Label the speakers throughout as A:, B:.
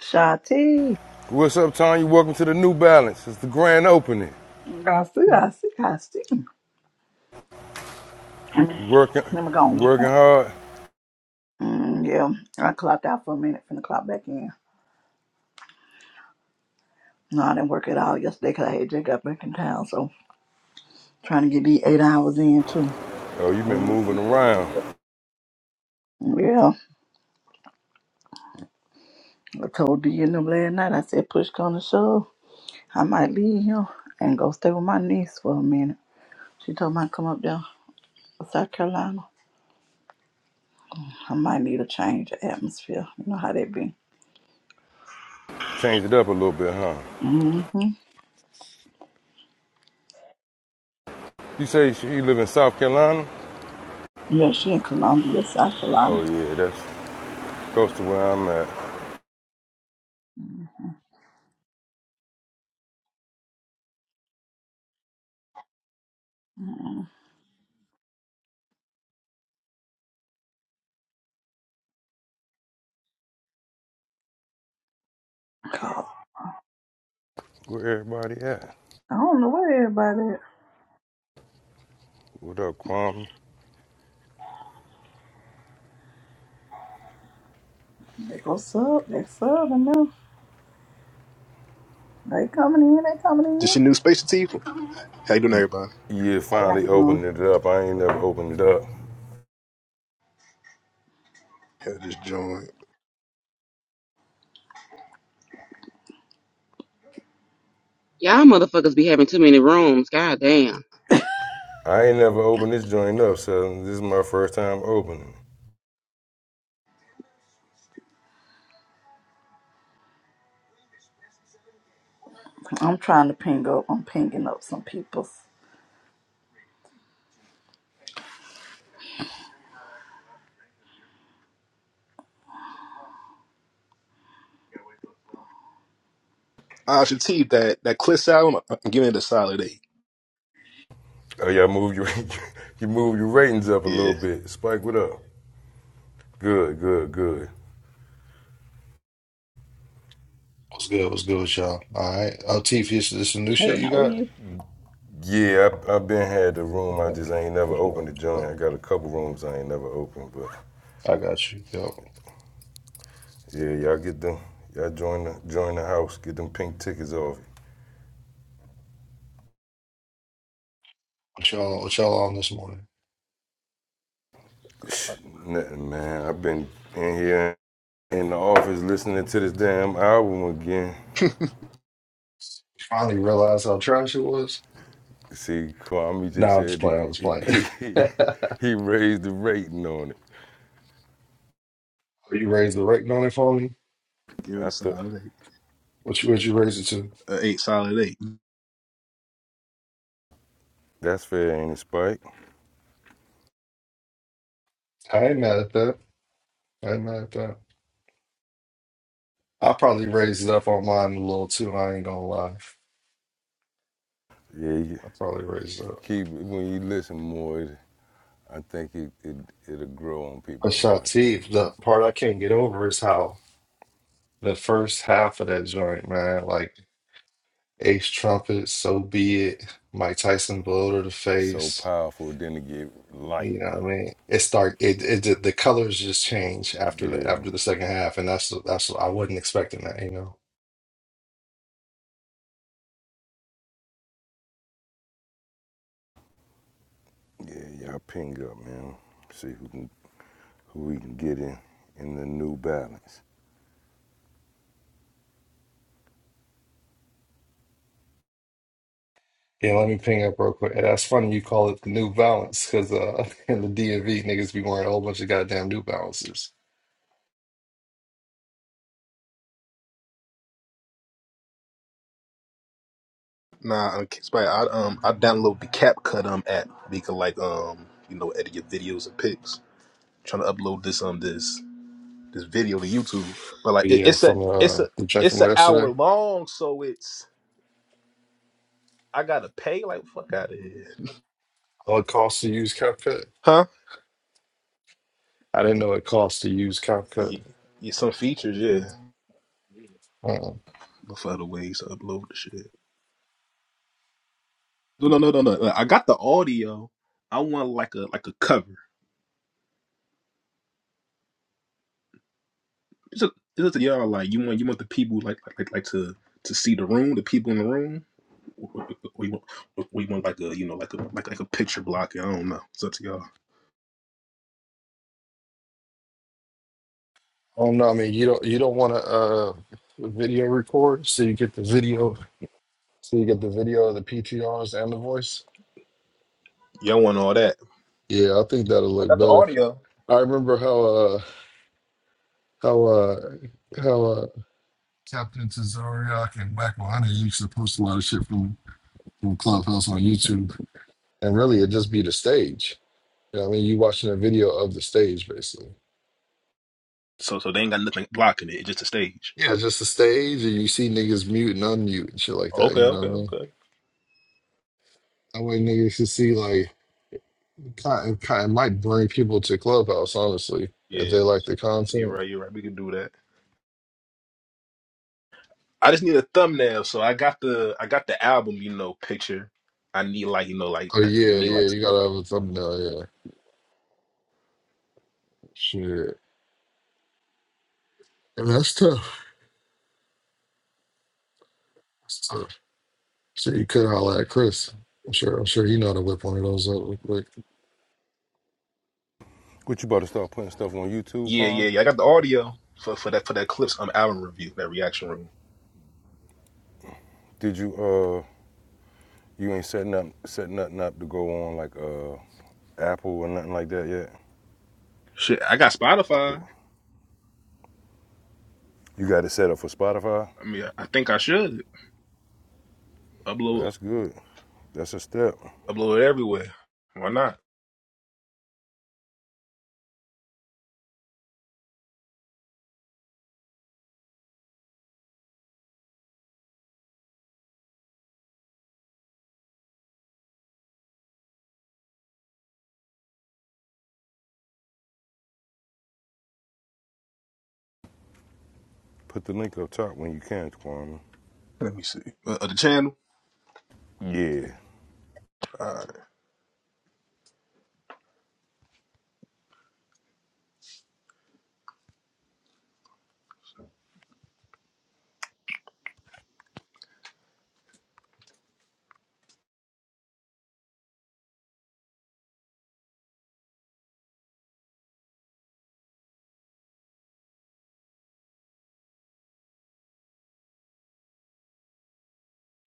A: Shati.
B: What's up, Tony? Welcome to the New Balance. It's the grand opening.
A: I see, I see, I see. Mm,
B: You working,
A: Let me go
B: you
A: on.
B: working hard?
A: Mm, yeah, I clocked out for a minute, finna clock back in. No, I didn't work at all yesterday 'cause I had just got back in town, so trying to get these eight hours in too.
B: Oh, you've been
A: Um,
B: moving around.
A: yeah, I told D and them last night, I said, push come to shove. I might leave here and go stay with my niece for a minute. She told me I'd come up there to South Carolina. I might need a change of atmosphere. You know how that be.
B: Changed it up a little bit, huh?
A: Mm-hmm.
B: You say you live in South Carolina?
A: Yeah, she in Columbia, South
B: Oh
A: Carolina.
B: yeah, that's close to where I'm at. Where everybody at?
A: I don't know where everybody at.
B: What up, Kwame?
A: They go sub, they sub, and them. They coming in, they coming
C: This
A: in.
C: your new Space Latifah? How you doing, everybody?
B: Yeah,
A: Hey, how
B: finally
A: you doing?
B: opened it up. I ain't never opened it up.
C: Had this joint.
D: Y'all motherfuckers be having too many rooms. God damn.
B: I ain't never opened this joint up, so this is my first time opening.
A: I'm trying to ping up. I'm pinging up some people.
C: Ah, Shatif, that that Cliff album, I'm giving it a solid eight.
B: it. Oh yeah, move your you move your ratings up a little
C: Yeah,
B: bit. Spike, what up? Good, good, good.
E: What's good? What's good with y'all? All right. Oh, Teef, this this some new
A: Hey,
E: shit you
A: how are
E: got?
A: you?
B: Yeah, I, I've been had the
E: Yeah,
B: room. I just ain't never
E: for sure.
B: opened the
E: For
B: joint.
E: sure.
B: I got a couple rooms I ain't never opened, but
E: I got you. Yo,
B: yeah, y'all get them. Y'all join the join the house. Get them pink tickets off.
E: what y'all, what y'all on this morning?
B: Nothing, man. I've been in here in the office listening to this damn album again.
E: Finally realized how trash it was.
B: See, Kwame just
E: Nah, I'm just
B: said
E: playing. I was
B: he
E: playing.
B: he, he,
E: you
B: he raised the rating on it.
E: raised the rating on it for me?
C: give it a
B: I thought
C: solid eight.
E: What you, what you raised it to?
C: A eight solid eight.
B: that's fair, ain't it, Spike?
E: I ain't mad at that. I ain't mad at that. I probably raised it up on mine a little too. I ain't gonna lie.
B: Yeah, you
E: I probably raised it up.
B: keep when you listen more, it, I think it, it it'll grow on people
E: But
B: more. I think.
E: Shatif, the part I can't get over is how the first half of that joint, man. Like. Ace Trumpet, So Be It, Mike Tyson blow to the
B: So
E: face.
B: powerful, then it get light.
E: You know what I mean? It start it, it the the colors just change after the
B: Yeah,
E: after the second half, and that's that's I wasn't expecting that, you know.
B: yeah, y'all ping up, man. See who can who we can get in in the new balance.
E: Yeah, let me ping up real quick. And That's funny you call it the New Balance because uh in the DMV niggas be wearing a whole bunch of goddamn New Balances.
C: Nah, I'm kidding. But I um I download the CapCut um app. You can like um you know edit your videos and pics. trying to upload this um this this video to YouTube, but like
E: But
C: it,
E: yeah,
C: it's a
E: from
C: it's
E: uh
C: a
E: the check
C: it's
E: from
C: an hour
E: yesterday,
C: long, so it's I gotta pay. Like fuck out of here,
E: oh, it costs to use CapCut.
C: huh?
E: I didn't know it costs to use
C: Yeah,
E: CapCut.
C: yeah, some features, yeah,
E: Uh-uh.
C: but for the ways to upload the shit. No, no, no, no, no. Like, I got the audio. I want like a like a cover. It's a, it's just y'all like you want you want the people like like like, like to to see the room, the people in the room. Or or you want or you want like a you know like a like like a picture blocking. I don't know. It's up to y'all.
E: Oh no, I mean you don't you don't want to uh video record so you get the video so you get the video of the PTRs and the voice.
C: Y'all want all that?
E: Yeah, I think that'll
C: I
E: look
C: got the
E: better.
C: audio.
E: I remember how uh how uh how uh Captain Tazariak and Whack Mahoney used to post a lot of shit from from Clubhouse on YouTube, and really it'd just be the stage. You know what I mean, you watching a video of the stage basically.
C: So so they ain't got nothing blocking it. It's just a stage.
E: Yeah, it's just the stage, and you see niggas mute and unmute and shit like that.
C: Okay,
E: You know
C: okay,
E: what I mean?
C: okay.
E: That way niggas can see like. Kind kind of might bring people to Clubhouse, honestly, if
C: Yeah,
E: they like the
C: you're
E: content.
C: right. You're right. We can do that. I just need a thumbnail. So I got the I got the album. You know, picture. I need like you know like
E: Oh
C: I
E: yeah,
C: need
E: yeah,
C: like.
E: you gotta have a thumbnail, yeah. Shit. And that's tough. That's tough. So you could holler at Chris. I'm sure I'm sure he know how to whip one of those up real quick.
B: What you about to start putting stuff on YouTube,
C: Yeah, yeah,
B: Kwame?
C: yeah. I got the audio for, for that for that clips um album review, that reaction room.
B: Did you uh you ain't setting up setting nothing up to go on like uh Apple or nothing like that yet?
C: Shit, I got Spotify.
B: Oh, You got it set up for Spotify?
C: I mean, I think I should
B: Well
C: upload
B: that's good. That's a step.
C: upload it everywhere. Why not?
B: Put the link up top when you can, Kwame.
C: Let me see. Uh, uh, the channel.
B: Yeah.
C: Uh,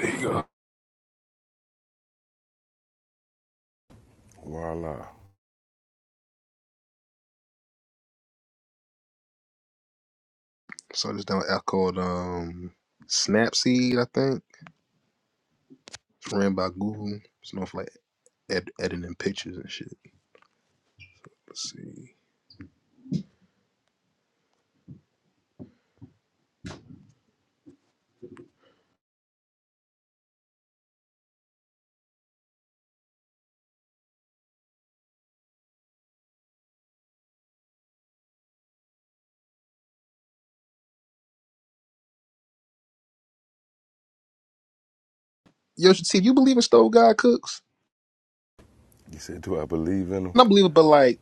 C: there you go.
B: Voila.
C: So this down app called um Snapseed, I think. It's ran by Google. It's not for like ed- editing pictures and shit. Let's see. Yo, see, you believe in stove guy cooks?
B: You said, do I believe in them?
C: Not believe it, but like,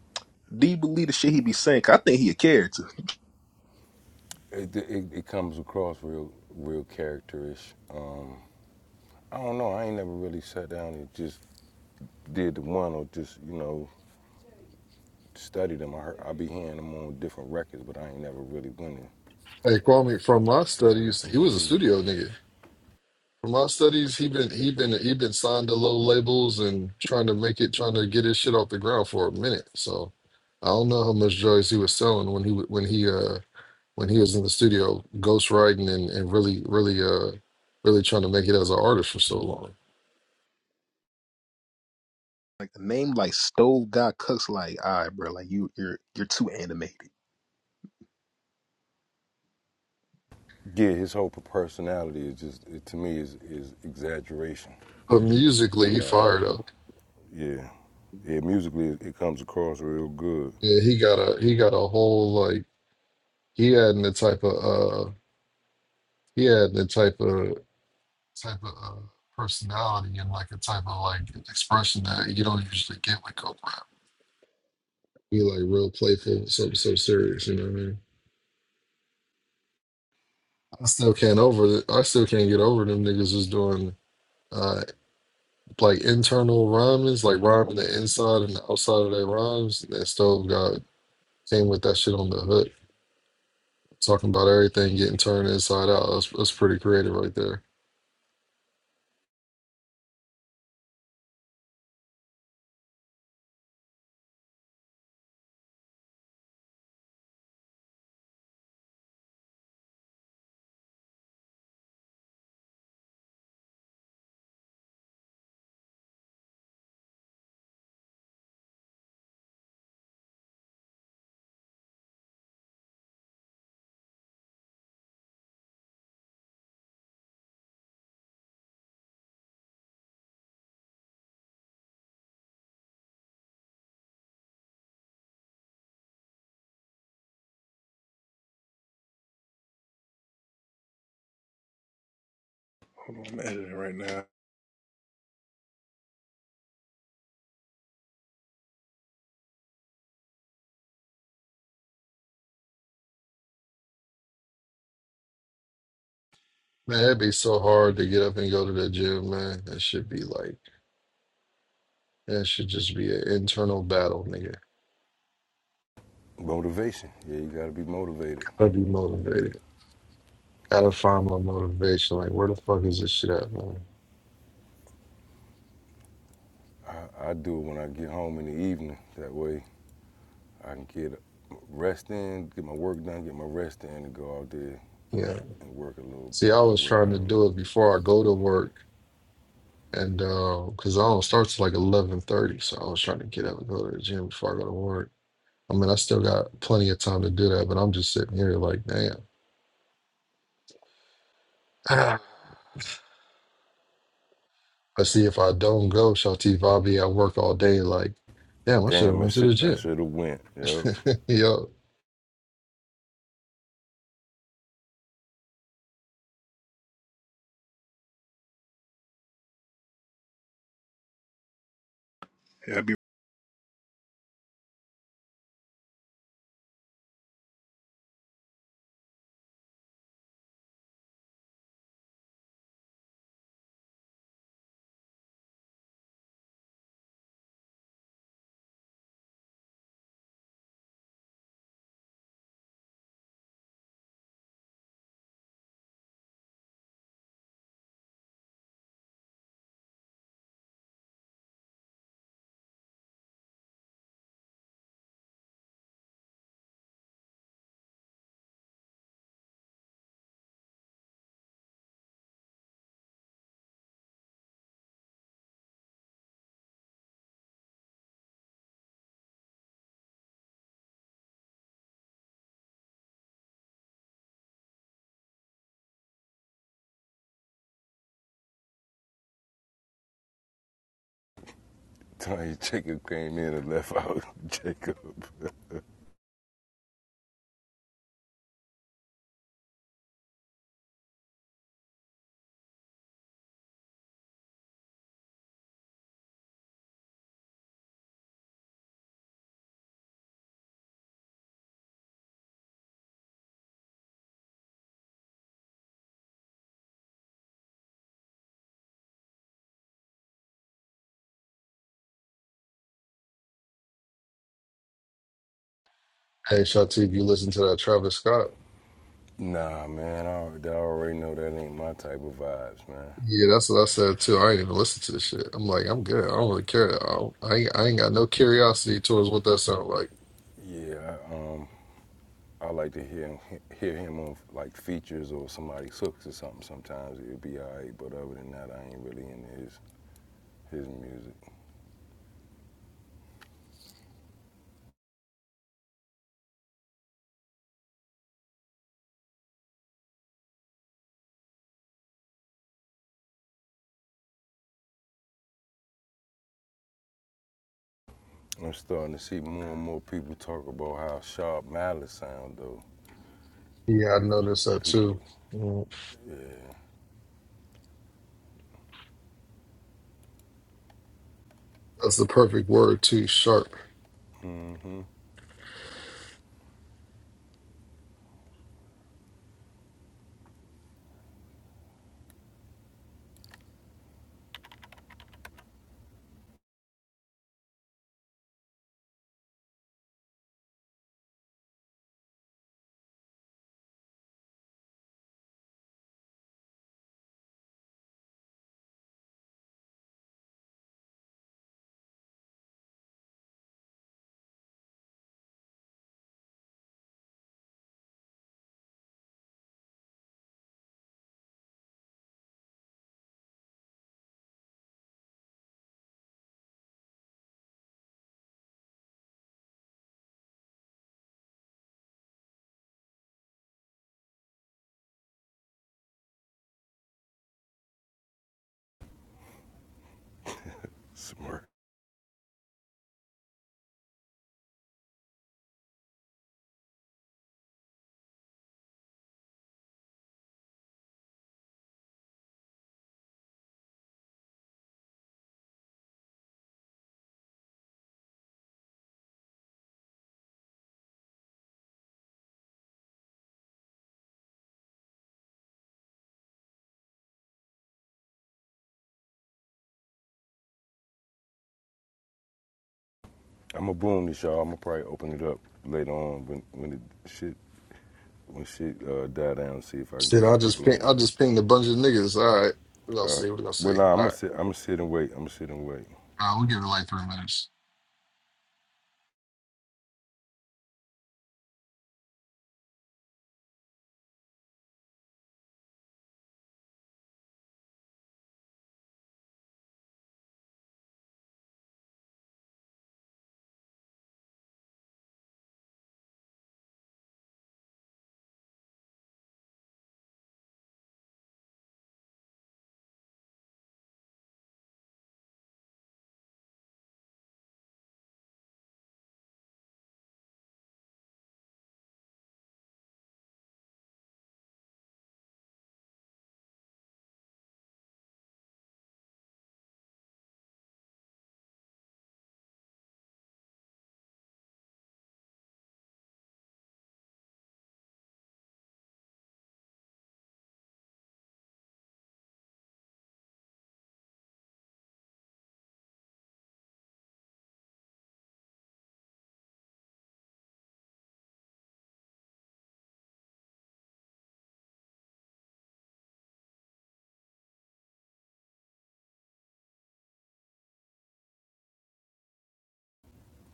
C: do you believe the shit he be saying? 'Cause I think he a character.
B: It, it, it comes across real real characterish. Um, I don't know. I ain't never really sat down and just did the one or just you know studied them. I heard, I be hearing them on different records, but I ain't never really went and
E: Hey Kwame, from my
B: sat and
E: studies,
B: listened
E: he
B: to the
E: was a
B: music.
E: studio nigga. From my studies, he been he been he been signed to low labels and trying to make it trying to get his shit off the ground for a minute. So I don't know how much drugs he was selling when he w- when he uh when he was in the studio ghostwriting and, and really, really, uh, really trying to make it as an artist for so long.
C: Like the name, like Stove God Cooks. Like, all right, bro. Like you, you're you're too animated.
B: Yeah, his whole personality is just it, to me is is exaggeration
E: But
B: a
E: musically, he
B: lot.
E: fired up.
B: Yeah, yeah. Musically, it, it comes across real good.
E: Yeah, he got a he got a whole like he had the type of uh he had the type of type of uh, personality and like a type of like expression that you don't usually get with Coke rap. He like real playful, so so serious. You know what I mean? I still can't over it. I still can't get over them niggas was doing. uh. like internal rhymings, like rhyming the inside and the outside of their rhymes. That stove got came with that shit on the hook, talking about everything getting turned inside out. That's, that's pretty creative right there.
C: Hold on, I'm editing right now.
E: Man, it'd be so hard to get up and go to the gym, man. That should be like, that should just be an internal battle, nigga.
B: Motivation. Yeah, you got to be motivated.
E: Gotta be motivated. Gotta find my motivation. Like, where the fuck is this shit at, man?
B: I, I do it when I get home in the evening. That way, I can get rest in, get my work done, get my rest in, and go out there
E: Yeah.
B: and work a little
E: See, I
B: and
E: was
B: work
E: trying
B: out
E: to
B: a
E: do
B: little
E: it
B: bit.
E: before I go to work And uh, cause I don't start till like eleven thirty, so I was trying to get up and go to the gym before I go to work. I mean, I still got plenty of time to do that, but I'm just sitting here like, damn. Ah. I see if I don't go, Shatif, I'll be at work all day. Like, damn, I should have
B: Damn, I
E: went to
B: should
E: the
B: I
E: gym.
B: should have went. Yep.
E: Yo,
C: Yeah, I'll be
B: Tony Jacob came in and left out Jacob.
E: hey Shatif, you listen to that Travis Scott?
B: nah, man, I, I already know that ain't my type of vibes, man.
E: Yeah, that's what I said too. I ain't even listen to this shit. I'm like, I'm good. I don't really care. I, don't, I ain't, I ain't got no curiosity towards what that sound like.
B: Yeah, I, um, I like to hear him, hear him on like features or somebody's hooks or something. Sometimes it'd be alright, but other than that, I ain't really into his his music. I'm starting to see more and more people talk about how sharp malice sound though.
E: Yeah, I noticed that
B: People
E: too.
B: with
E: Mm. That's the perfect word too. Sharp.
B: smart. I'ma boom this y'all. I'ma probably open it up later on when when it shit when shit uh, die down and see if I can
E: Shit,
B: get
E: I'll
B: some
E: just
B: people in
E: ping.
B: here.
E: I'll just ping the bunch of niggas. All right, we're gonna
B: All right.
E: see. We're gonna
B: Well,
E: see.
B: nah,
E: All
B: I'ma
E: right,
B: sit. I'ma sit and wait. I'ma sit and wait.
E: uh, we'll give it like three minutes.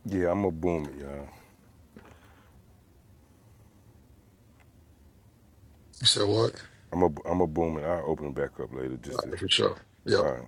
B: Yeah, I'ma boom it, y'all.
E: You said what?
B: I'ma I'ma boom it. I'll open it back up later
E: All
B: just to.
E: right, for sure. Yep.
B: All right.